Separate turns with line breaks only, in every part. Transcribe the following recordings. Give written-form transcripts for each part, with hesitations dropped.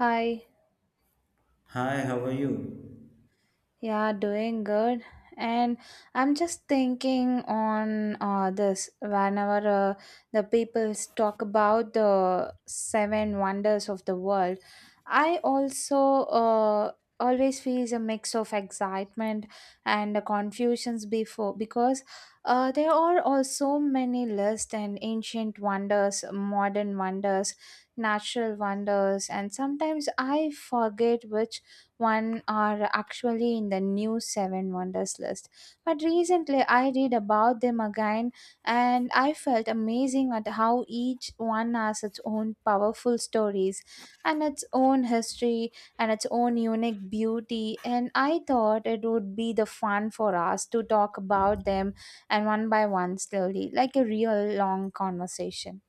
Hi,
Hi, how are you?
yeah, doing good. And I'm just thinking on this whenever the people talk about the seven wonders of the world, I also uh, always feel a mix of excitement and confusions before because there are also many lists and ancient wonders, modern wonders, natural wonders, and sometimes I forget which one are actually in the new seven wonders list. But recently I read about them again and I felt amazing at how each one has its own powerful stories and its own history and its own unique beauty. And I thought it would be the fun for us to talk about them and one by one slowly, like a real long conversation.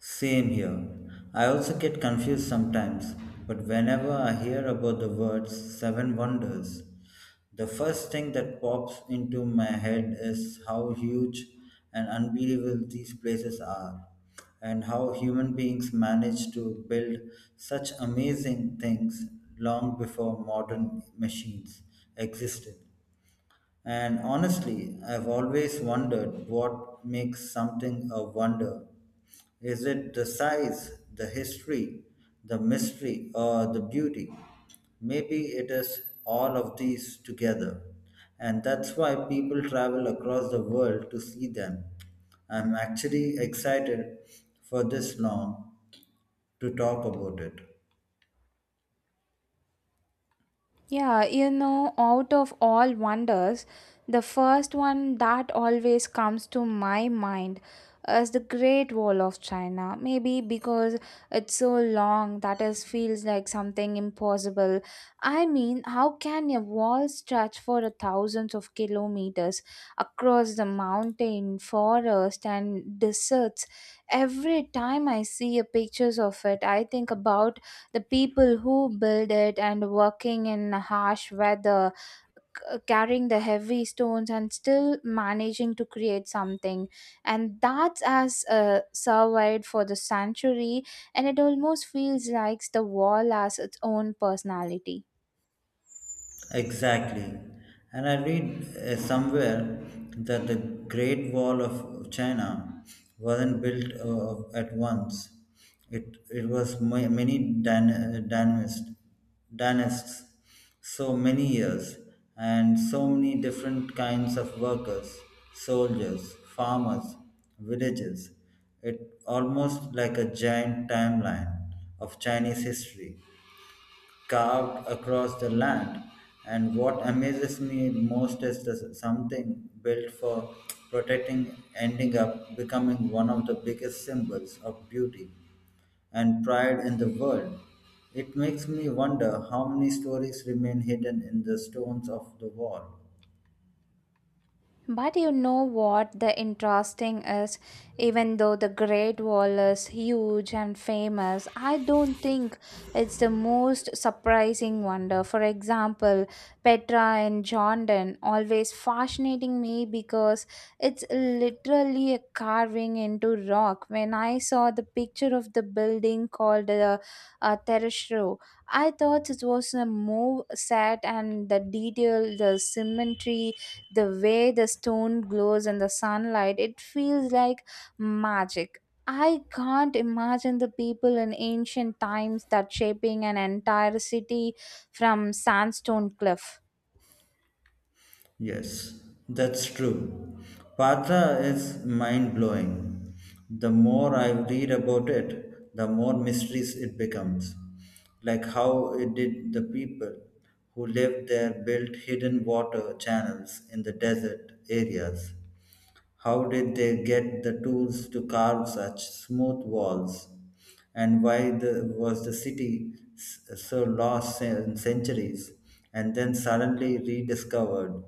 Same here. I also get confused sometimes, but whenever I hear about the words seven wonders, the first thing that pops into my head is how huge and unbelievable these places are, and how human beings managed to build such amazing things long before modern machines existed. And honestly, I've always wondered what makes something a wonder. Is it the size, the history, the mystery, or the beauty? Maybe it is all of these together. And that's why people travel across the world to see them. I'm actually excited for this long to talk about it.
Yeah, out of all wonders, the first one that always comes to my mind is the Great Wall of China. Maybe because it's so long that it feels like something impossible. I mean, how can a wall stretch for a thousands of kilometers across the mountain, forest, and deserts? Every time I see a pictures of it, I think about the people who build it and working in harsh weather carrying the heavy stones and still managing to create something and that has survived for the century and it almost feels like the wall has its own personality.
Exactly. And I read somewhere that the Great Wall of China wasn't built at once. It was many dynasties, dynasts, so many years, and so many different kinds of workers, soldiers, farmers, villages. It almost like a giant timeline of Chinese history carved across the land. And what amazes me most is the something built for protecting ending up becoming one of the biggest symbols of beauty and pride in the world. It makes me wonder how many stories remain hidden in the stones of the wall.
But you know what the interesting is, even though the Great Wall is huge and famous, I don't think it's the most surprising wonder. For example, Petra in Jordan always fascinating me because it's literally a carving into rock. When I saw the picture of the building called the Tereshro, I thought it was a move set and the detail, the symmetry, the way the stone glows in the sunlight, it feels like magic. I can't imagine the people in ancient times that shaping an entire city from sandstone cliff.
Yes, that's true. Patra is mind blowing. The more I read about it, the more mysterious it becomes. Like how it did the people who lived there built hidden water channels in the desert areas, how did they get the tools to carve such smooth walls? And why was the city so lost in centuries and then suddenly rediscovered?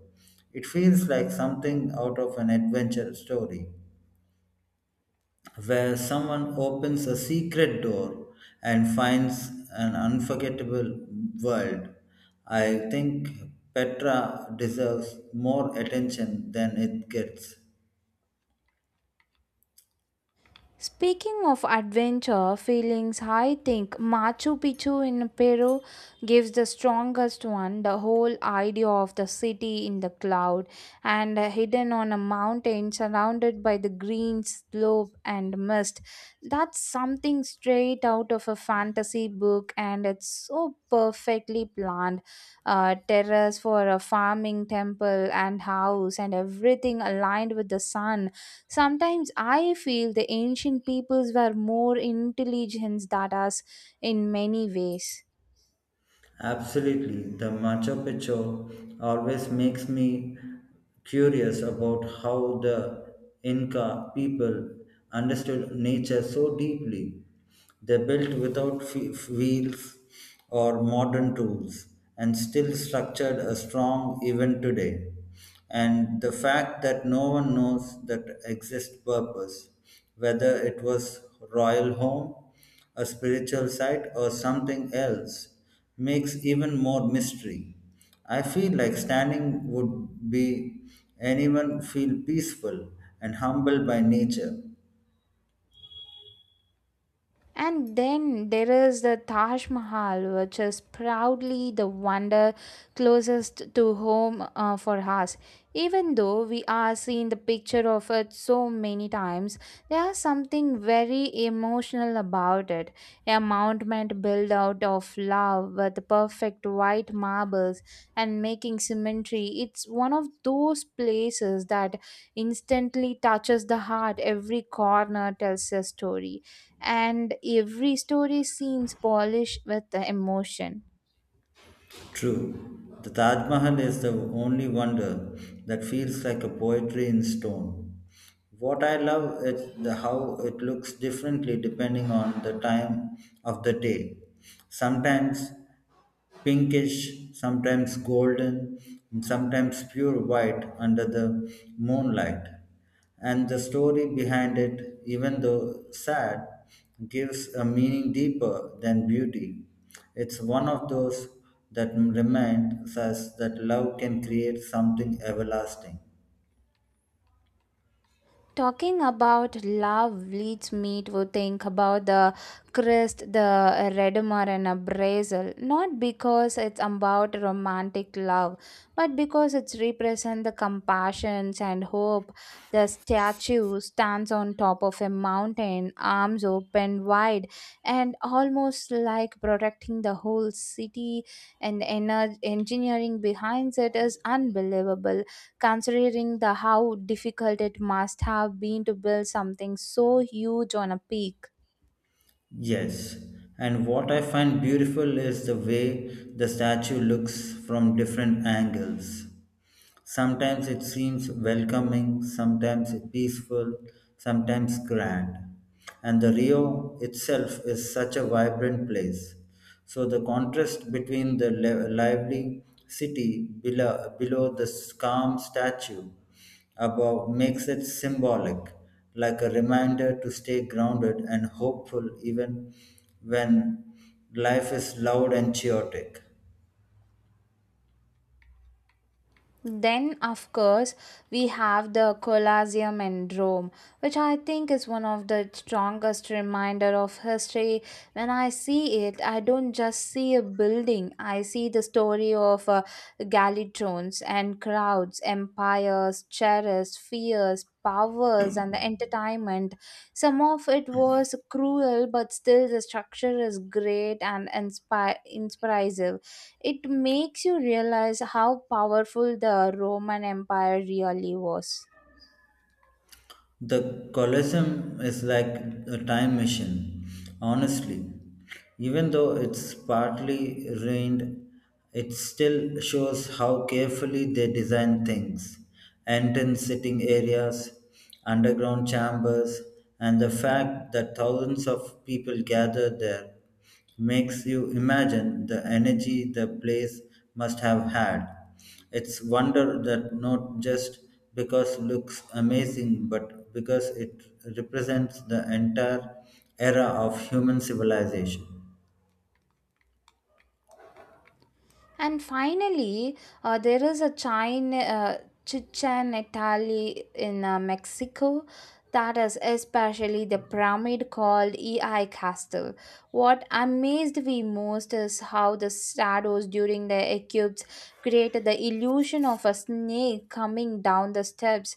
It feels like something out of an adventure story where someone opens a secret door and finds an unforgettable world. I think Petra deserves more attention than it gets.
Speaking of adventure feelings, I think Machu Picchu in Peru gives the strongest one. The whole idea of the city in the cloud and hidden on a mountain surrounded by the green slope and mist. That's something straight out of a fantasy book, and it's so perfectly planned. A terrace for a farming temple and house, and everything aligned with the sun. Sometimes I feel the ancient peoples were more intelligent than us in many ways.
Absolutely, the Machu Picchu always makes me curious about how the Inca people understood nature so deeply. They built without wheels or modern tools and still structured a strong even today, and the fact that no one knows that exact purpose, whether it was royal home, a spiritual site, or something else, makes even more mystery. I feel like standing would be anyone feel peaceful and humble by nature.
And then there is the Taj Mahal, which is proudly the wonder closest to home for us. Even though we are seeing the picture of it so many times, there is something very emotional about it. A monument built out of love with perfect white marbles and making symmetry. It's one of those places that instantly touches the heart. Every corner tells a story and every story seems polished with the emotion.
True, the Taj Mahal is the only wonder that feels like a poetry in stone. What I love is the how it looks differently depending on the time of the day. Sometimes pinkish, sometimes golden, and sometimes pure white under the moonlight. And the story behind it, even though sad, gives a meaning deeper than beauty. It's one of those that reminds us that love can create something everlasting.
Talking about love leads me to think about the crest, the redmer, and abrasal. Not because it's about romantic love, but because it represents the compassions and hope. The statue stands on top of a mountain, arms open wide, and almost like protecting the whole city. And the engineering behind it is unbelievable considering the how difficult it must have been to build something so huge on a peak.
Yes, and what I find beautiful is the way the statue looks from different angles. Sometimes it seems welcoming, sometimes peaceful, sometimes grand. And the Rio itself is such a vibrant place. So the contrast between the lively city below, below the calm statue above makes it symbolic, like a reminder to stay grounded and hopeful even when life is loud and chaotic.
Then, of course, we have the Colosseum in Rome, which I think is one of the strongest reminder of history. When I see it, I don't just see a building. I see the story of galleons and crowds, empires, terrors, fears, powers, and the entertainment. Some of it was cruel, but still the structure is great and inspire inspirative. It makes you realize how powerful the Roman empire really was.
The Colosseum is like a time machine, honestly. Even though it's partly ruined, it still shows how carefully they design things. Entrance sitting areas, underground chambers, and the fact that thousands of people gather there makes you imagine the energy the place must have had. It's wonder that not just because looks amazing, but because it represents the entire era of human civilization.
And finally, there is a China, Chichen Italy in Mexico, that is especially the pyramid called EI Castle. What amazed me most is how the shadows during the eclipse created the illusion of a snake coming down the steps.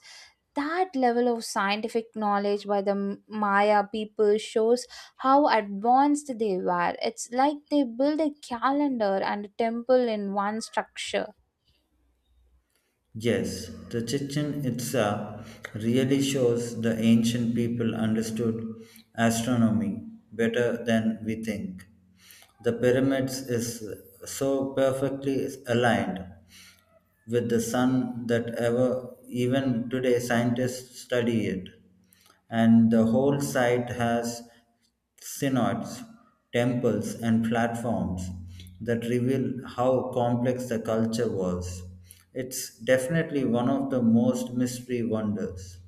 That level of scientific knowledge by the Maya people shows how advanced they were. It's like they built a calendar and a temple in one structure.
Yes, the Chichen Itza really shows the ancient people understood astronomy better than we think. The pyramids is so perfectly aligned with the sun that ever even today scientists study it, and the whole site has synods, temples, and platforms that reveal how complex the culture was. It's definitely one of the most mystery wonders.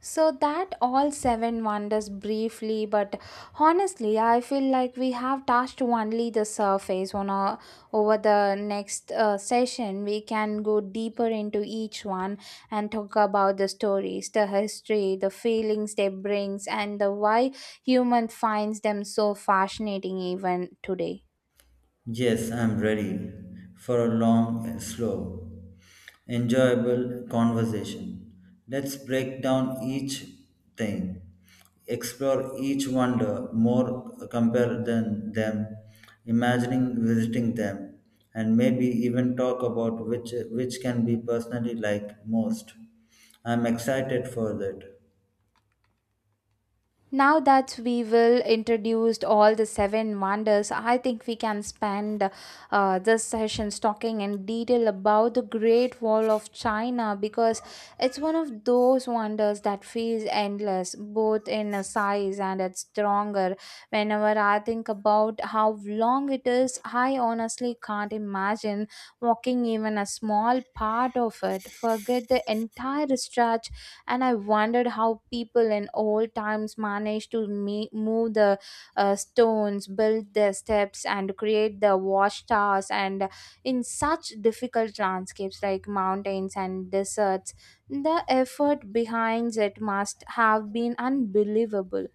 So that all seven wonders briefly, but honestly, I feel like we have touched only the surface. Over the next session, we can go deeper into each one and talk about the stories, the history, the feelings they brings, and the why human finds them so fascinating even today.
Yes, I'm ready for a long slow, enjoyable conversation. Let's break down each thing, explore each wonder more, compare than them, imagining visiting them, and maybe even talk about which can be personally like most. I'm excited for that.
Now that we will introduced all the seven wonders, I think we can spend this session talking in detail about the Great Wall of China because it's one of those wonders that feels endless, both in a size and it's stronger. Whenever I think about how long it is, I honestly can't imagine walking even a small part of it. Forget the entire stretch, and I wondered how people in old times managed to move the stones, build the steps and create the watchtowers and in such difficult landscapes like mountains and deserts. The effort behind it must have been unbelievable.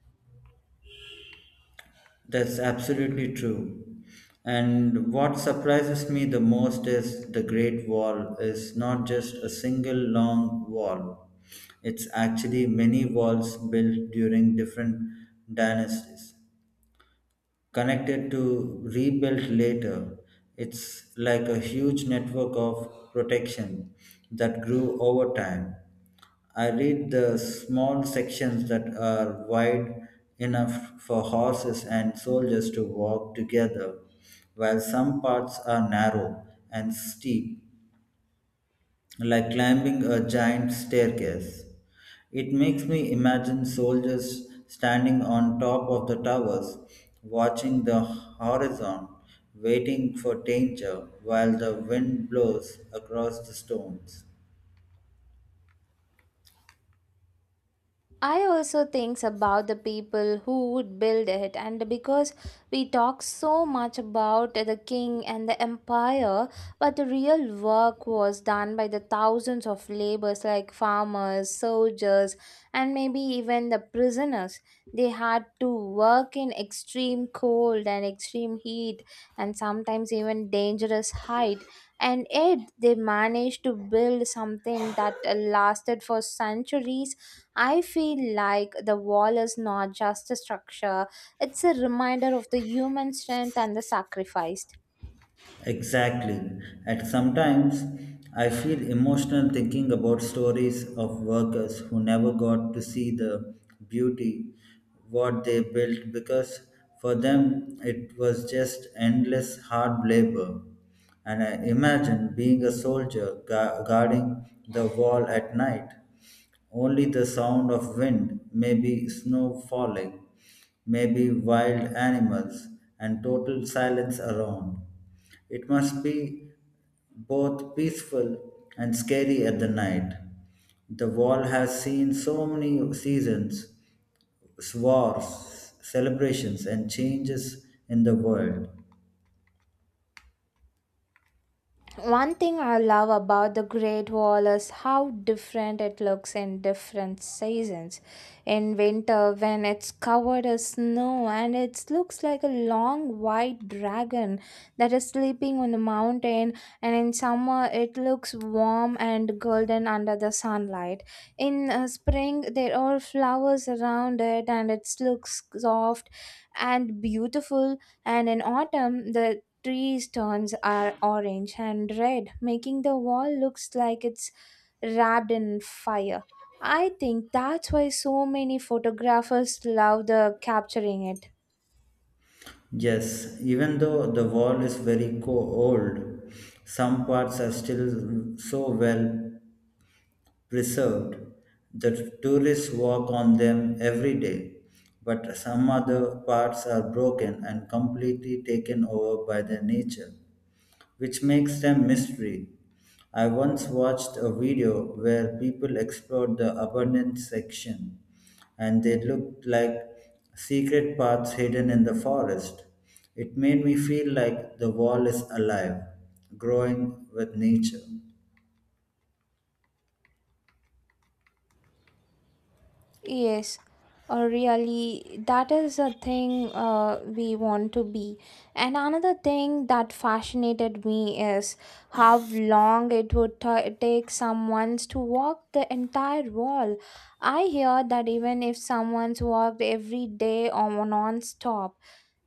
That's absolutely true. And what surprises me the most is the Great Wall is not just a single long wall. It's actually many walls built during different dynasties, connected to rebuilt later. It's like a huge network of protection that grew over time. I read the small sections that are wide enough for horses and soldiers to walk together, while some parts are narrow and steep, like climbing a giant staircase. It makes me imagine soldiers standing on top of the towers, watching the horizon, waiting for danger while the wind blows across the stones.
I also think about the people who would build it, and because we talk so much about the king and the empire, but the real work was done by the thousands of laborers like farmers, soldiers, and maybe even the prisoners. They had to work in extreme cold and extreme heat, and sometimes even dangerous height, and yet they managed to build something that lasted for centuries. I feel like the wall is not just a structure, it's a reminder of the human strength and the sacrifice.
Exactly. And sometimes I feel emotional thinking about stories of workers who never got to see the beauty what they built because for them it was just endless hard labor. And I imagine being a soldier guarding the wall at night, only the sound of wind, maybe snow falling, maybe wild animals, and total silence around. It must be both peaceful and scary at the night. The wall has seen so many seasons, wars, celebrations, and changes in the world.
One thing I love about the Great Wall is how different it looks in different seasons. In winter, when it's covered in snow and it looks like a long white dragon that is sleeping on the mountain, and in summer, it looks warm and golden under the sunlight. In spring, there are flowers around it and it looks soft and beautiful, and in autumn the trees turns are orange and red, making the wall looks like it's wrapped in fire. I think that's why so many photographers love the capturing it.
Yes, even though the wall is very old, some parts are still so well reserved. The tourists walk on them every day, but some other parts are broken and completely taken over by their nature, which makes them mystery. I once watched a video where people explored the abundance section and they looked like secret paths hidden in the forest. It made me feel like the wall is alive, growing with nature.
Yes, really, that is a thing we want to be. And another thing that fascinated me is how long it would take someone to walk the entire wall. I hear that even if someone's walked every day or non stop,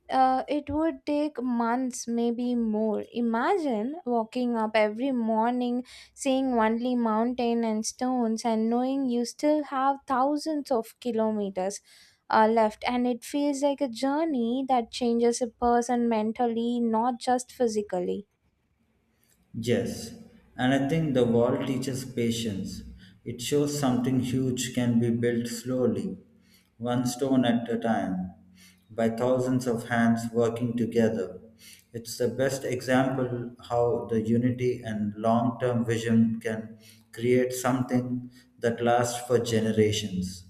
it would take months, maybe more. Imagine walking up every morning, seeing only mountain and stones, and knowing you still have thousands of kilometers left. And it feels like a journey that changes a person mentally, not just physically.
Yes, and I think the wall teaches patience. It shows something huge can be built slowly, one stone at a time, by thousands of hands working together. It's the best example how the unity and long term vision can create something that lasts for generations.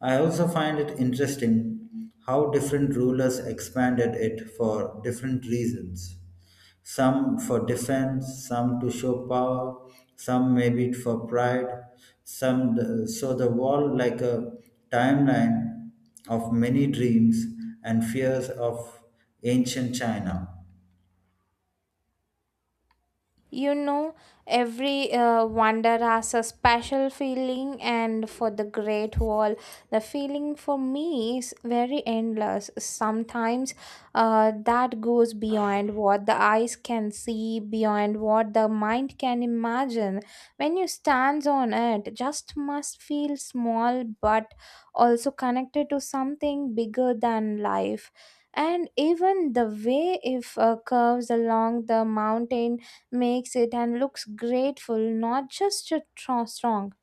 I also find it interesting how different rulers expanded it for different reasons. Some for defense, some to show power, some maybe for pride, so the wall like a timeline of many dreams and fears of ancient China.
You know, every wonder has a special feeling, and for the Great Wall, the feeling for me is very endless. Sometimes that goes beyond what the eyes can see, beyond what the mind can imagine. When you stand on it, just must feel small but also connected to something bigger than life. And even the way if curves along the mountain makes it and looks grateful, not just a strong.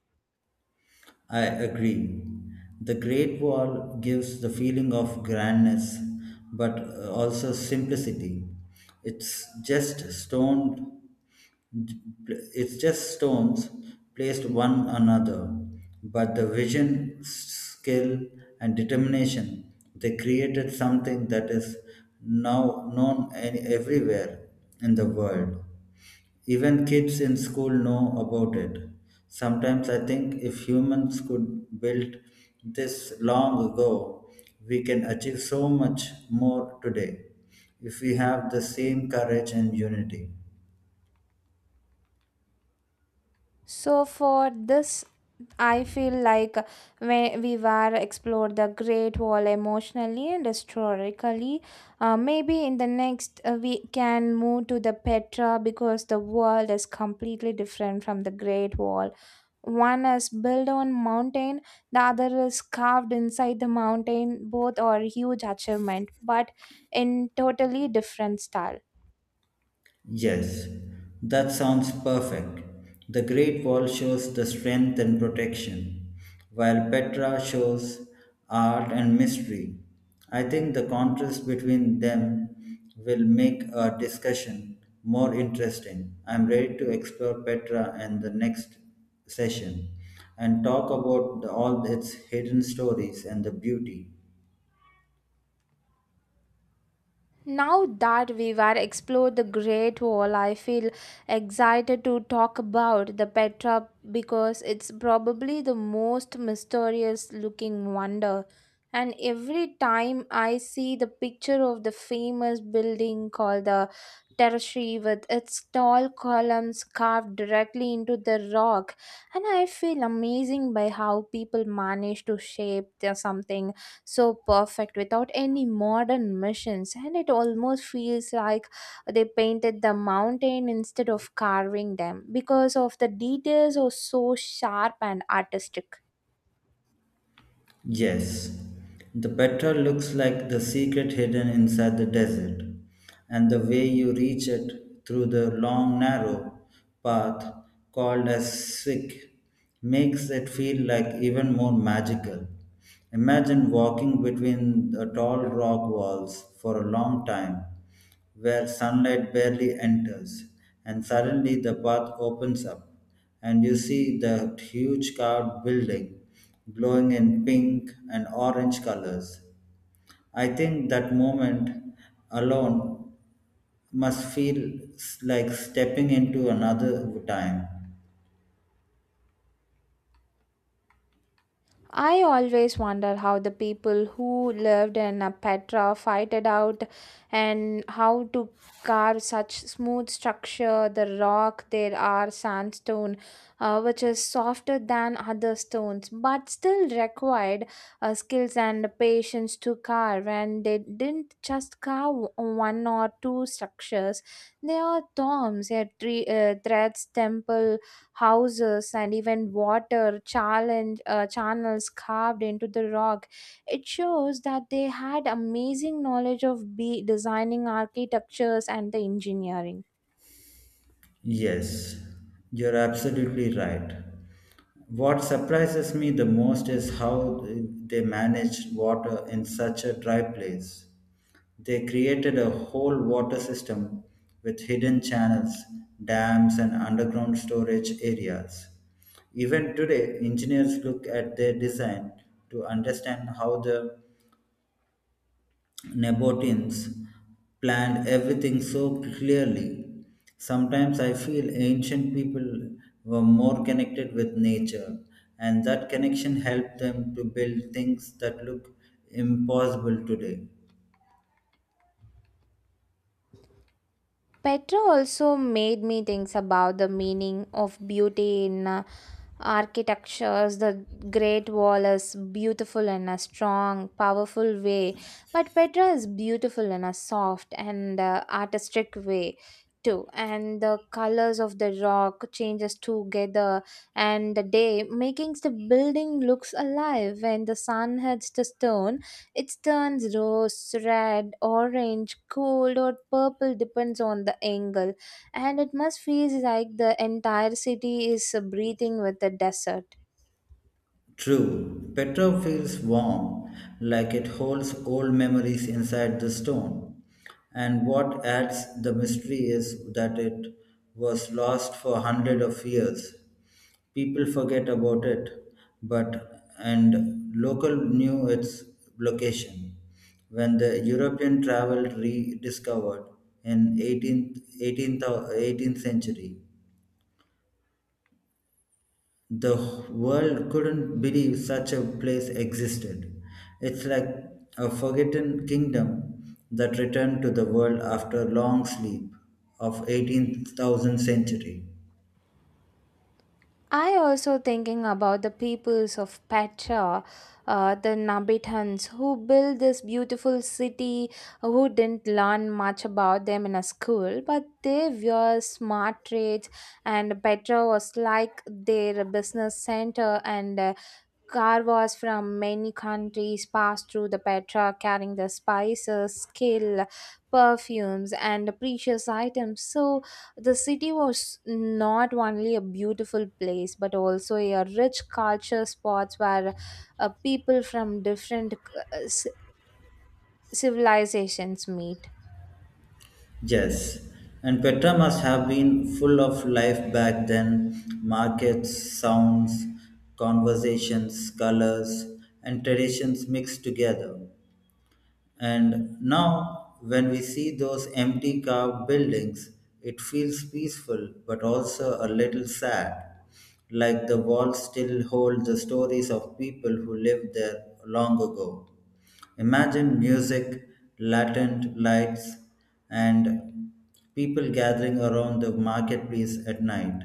I agree. The Great Wall gives the feeling of grandness, but also simplicity. It's just stone it's just stones placed one another, but the vision, skill, and determination they created something that is now known everywhere in the world. Even kids in school know about it. Sometimes I think if humans could build this long ago, we can achieve so much more today if we have the same courage and unity.
So for this, I feel like when we were explored the Great Wall emotionally and historically, maybe in the next we can move to the Petra because the world is completely different from the Great Wall. One is built on mountain, the other is carved inside the mountain. Both are huge achievement, but in totally different style.
Yes, that sounds perfect. The Great Wall shows the strength and protection, while Petra shows art and mystery. I think the contrast between them will make our discussion more interesting. I'm ready to explore Petra in the next session and talk about all its hidden stories and the beauty.
Now that we were explored the Great Wall, I feel excited to talk about the Petra because it's probably the most mysterious looking wonder. And every time I see the picture of the famous building called the Tertiary with its tall columns carved directly into the rock, and I feel amazing by how people manage to shape their something so perfect without any modern machines, and it almost feels like they painted the mountain instead of carving them because of the details are so sharp and artistic.
Yes, the petra looks like the secret hidden inside the desert, and the way you reach it through the long, narrow path called as Sikh makes it feel like even more magical. Imagine walking between the tall rock walls for a long time where sunlight barely enters, and suddenly the path opens up, and you see the huge carved building glowing in pink and orange colors. I think that moment alone must feel like stepping into another time.
I always wonder how the people who lived in Petra fight it out and how to carve such smooth structure. The rock there are sandstone, which is softer than other stones, but still required skills and patience to carve. And they didn't just carve one or two structures; they are tombs, they are three threads, temple houses and even water challenge, channels carved into the rock. It shows that they had amazing knowledge of be designing architectures and the engineering.
Yes, you're absolutely right. What surprises me the most is how they managed water in such a dry place. They created a whole water system with hidden channels, dams, and underground storage areas. Even today, engineers look at their design to understand how the Nabataeans planned everything so clearly. Sometimes I feel ancient people were more connected with nature, and that connection helped them to build things that look impossible today.
Petra also made me think about the meaning of beauty in architectures. The great wall is beautiful in a strong powerful way, but petra is beautiful in a soft and artistic way too, and the colors of the rock changes together and the day, making the building looks alive. When the sun hits the stone, it turns rose red, orange, gold, or purple depends on the angle, and it must feel like the entire city is breathing with the desert.
True, Petra feels warm, like it holds old memories inside the stone. And what adds the mystery is that it was lost for hundreds of years. People forget about it, but and local knew its location. When the European travel rediscovered in 18th, 18th, 18th century, the world couldn't believe such a place existed. It's like a forgotten kingdom that returned to the world after a long sleep of 18,000 century.
I also thinking about the peoples of Petra, the Nabitans who built this beautiful city, who didn't learn much about them in a school, but they were smart trades, and Petra was like their business center and Car from many countries passed through the Petra carrying the spices, skill, perfumes, and precious items. So the city was not only a beautiful place but also a rich culture spot where people from different uh, ci- civilizations meet.
Yes, and Petra must have been full of life back then, markets, sounds, conversations, colors, and traditions mixed together. And now, when we see those empty carved buildings, it feels peaceful but also a little sad, like the walls still hold the stories of people who lived there long ago. Imagine music, latent lights, and people gathering around the marketplace at night.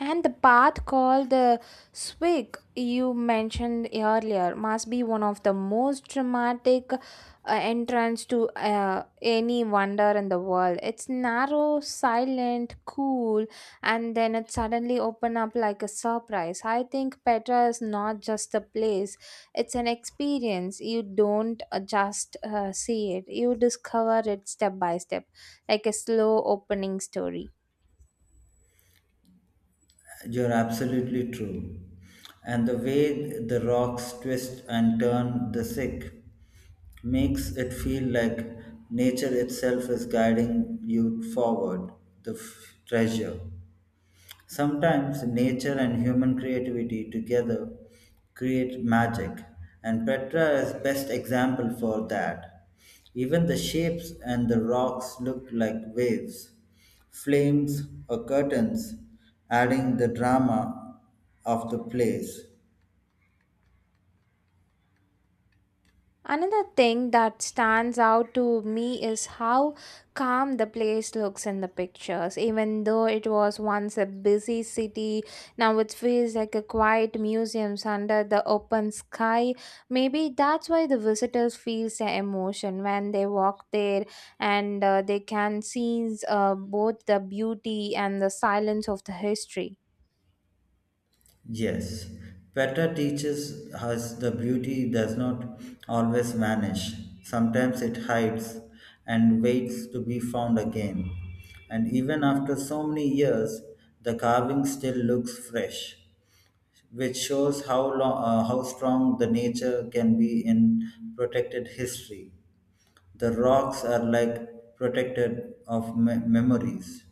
And the path called the Swig you mentioned earlier must be one of the most dramatic entrance to any wonder in the world. It's narrow, silent, cool, and then it suddenly open up like a surprise. I think Petra is not just a place; it's an experience. You don't just see it; you discover it step by step, like a slow opening story.
You're absolutely true. And the way the rocks twist and turn the sick makes it feel like nature itself is guiding you forward, the treasure. Sometimes nature and human creativity together create magic, and Petra is best example for that. Even the shapes and the rocks look like waves, flames or curtains, adding the drama of the place.
Another thing that stands out to me is how calm the place looks in the pictures. Even though it was once a busy city, now it feels like a quiet museum under the open sky. Maybe that's why the visitors feel the emotion when they walk there and they can see both the beauty and the silence of the history.
Yes, Petra teaches us the beauty does not always vanish. Sometimes it hides and waits to be found again. And even after so many years, the carving still looks fresh, which shows how, long, how strong the nature can be in protected history. The rocks are like protected of memories.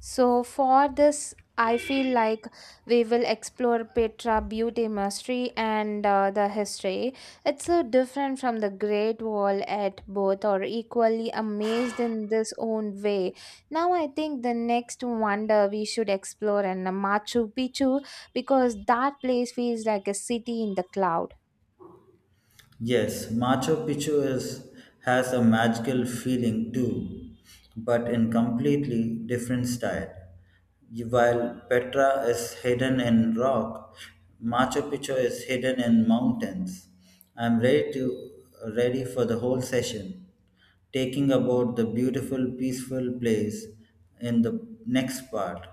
So for this, I feel like we will explore Petra beauty mastery and the history. It's so different from the Great Wall at both are equally amazed in this own way. Now I think the next wonder we should explore in Machu Picchu because that place feels like a city in the cloud.
Yes, Machu Picchu is, has a magical feeling too, but in completely different style. While Petra is hidden in rock, Machu Picchu is hidden in mountains. I'm ready to Ready for the whole session, taking about the beautiful, peaceful place in the next part.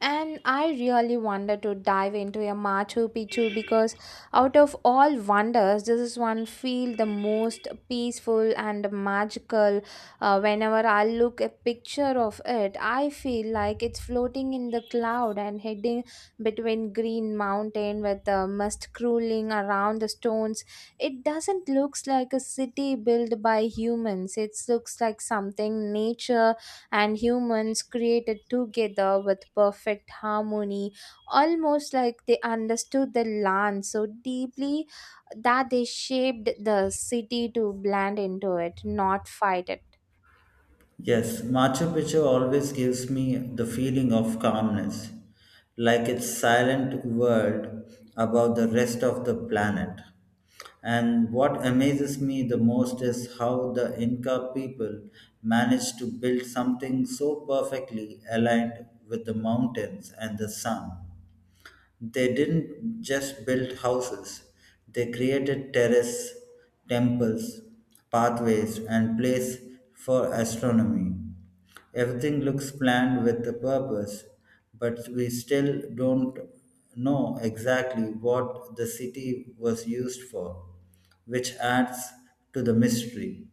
And I really wanted to dive into a Machu Picchu because out of all wonders, this is one feel the most peaceful and magical. Whenever I look a picture of it, I feel like it's floating in the cloud and heading between green mountain with the mist crawling around the stones. It doesn't looks like a city built by humans. It looks like something nature and humans created together with perfect harmony, almost like they understood the land so deeply that they shaped the city to blend into it, not fight it.
Yes, Machu Picchu always gives me the feeling of calmness, like its silent world about the rest of the planet. And what amazes me the most is how the Inca people managed to build something so perfectly aligned with the mountains and the sun. They didn't just build houses, they created terraces, temples, pathways, and place for astronomy. Everything looks planned with a purpose, but we still don't know exactly what the city was used for, which adds to the mystery.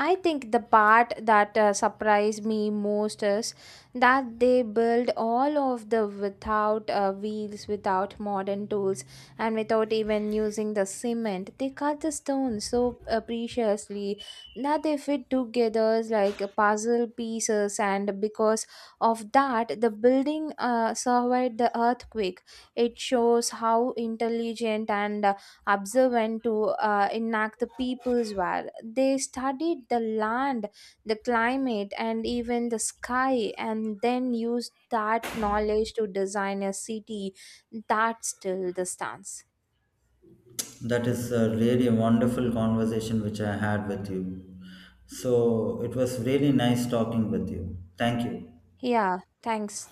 I think the part that surprised me most is that they build all of the without wheels, without modern tools, and without even using the cement. They cut the stones so preciously that they fit together like a puzzle pieces, and because of that, the building survived the earthquake. It shows how intelligent and observe and to enact the people's war. They studied the land, the climate, and even the sky, and then used that knowledge to design a city that still the stance.
That is a really wonderful conversation which I had with you. So it was really nice talking with you. Thank you.
Yeah, thanks.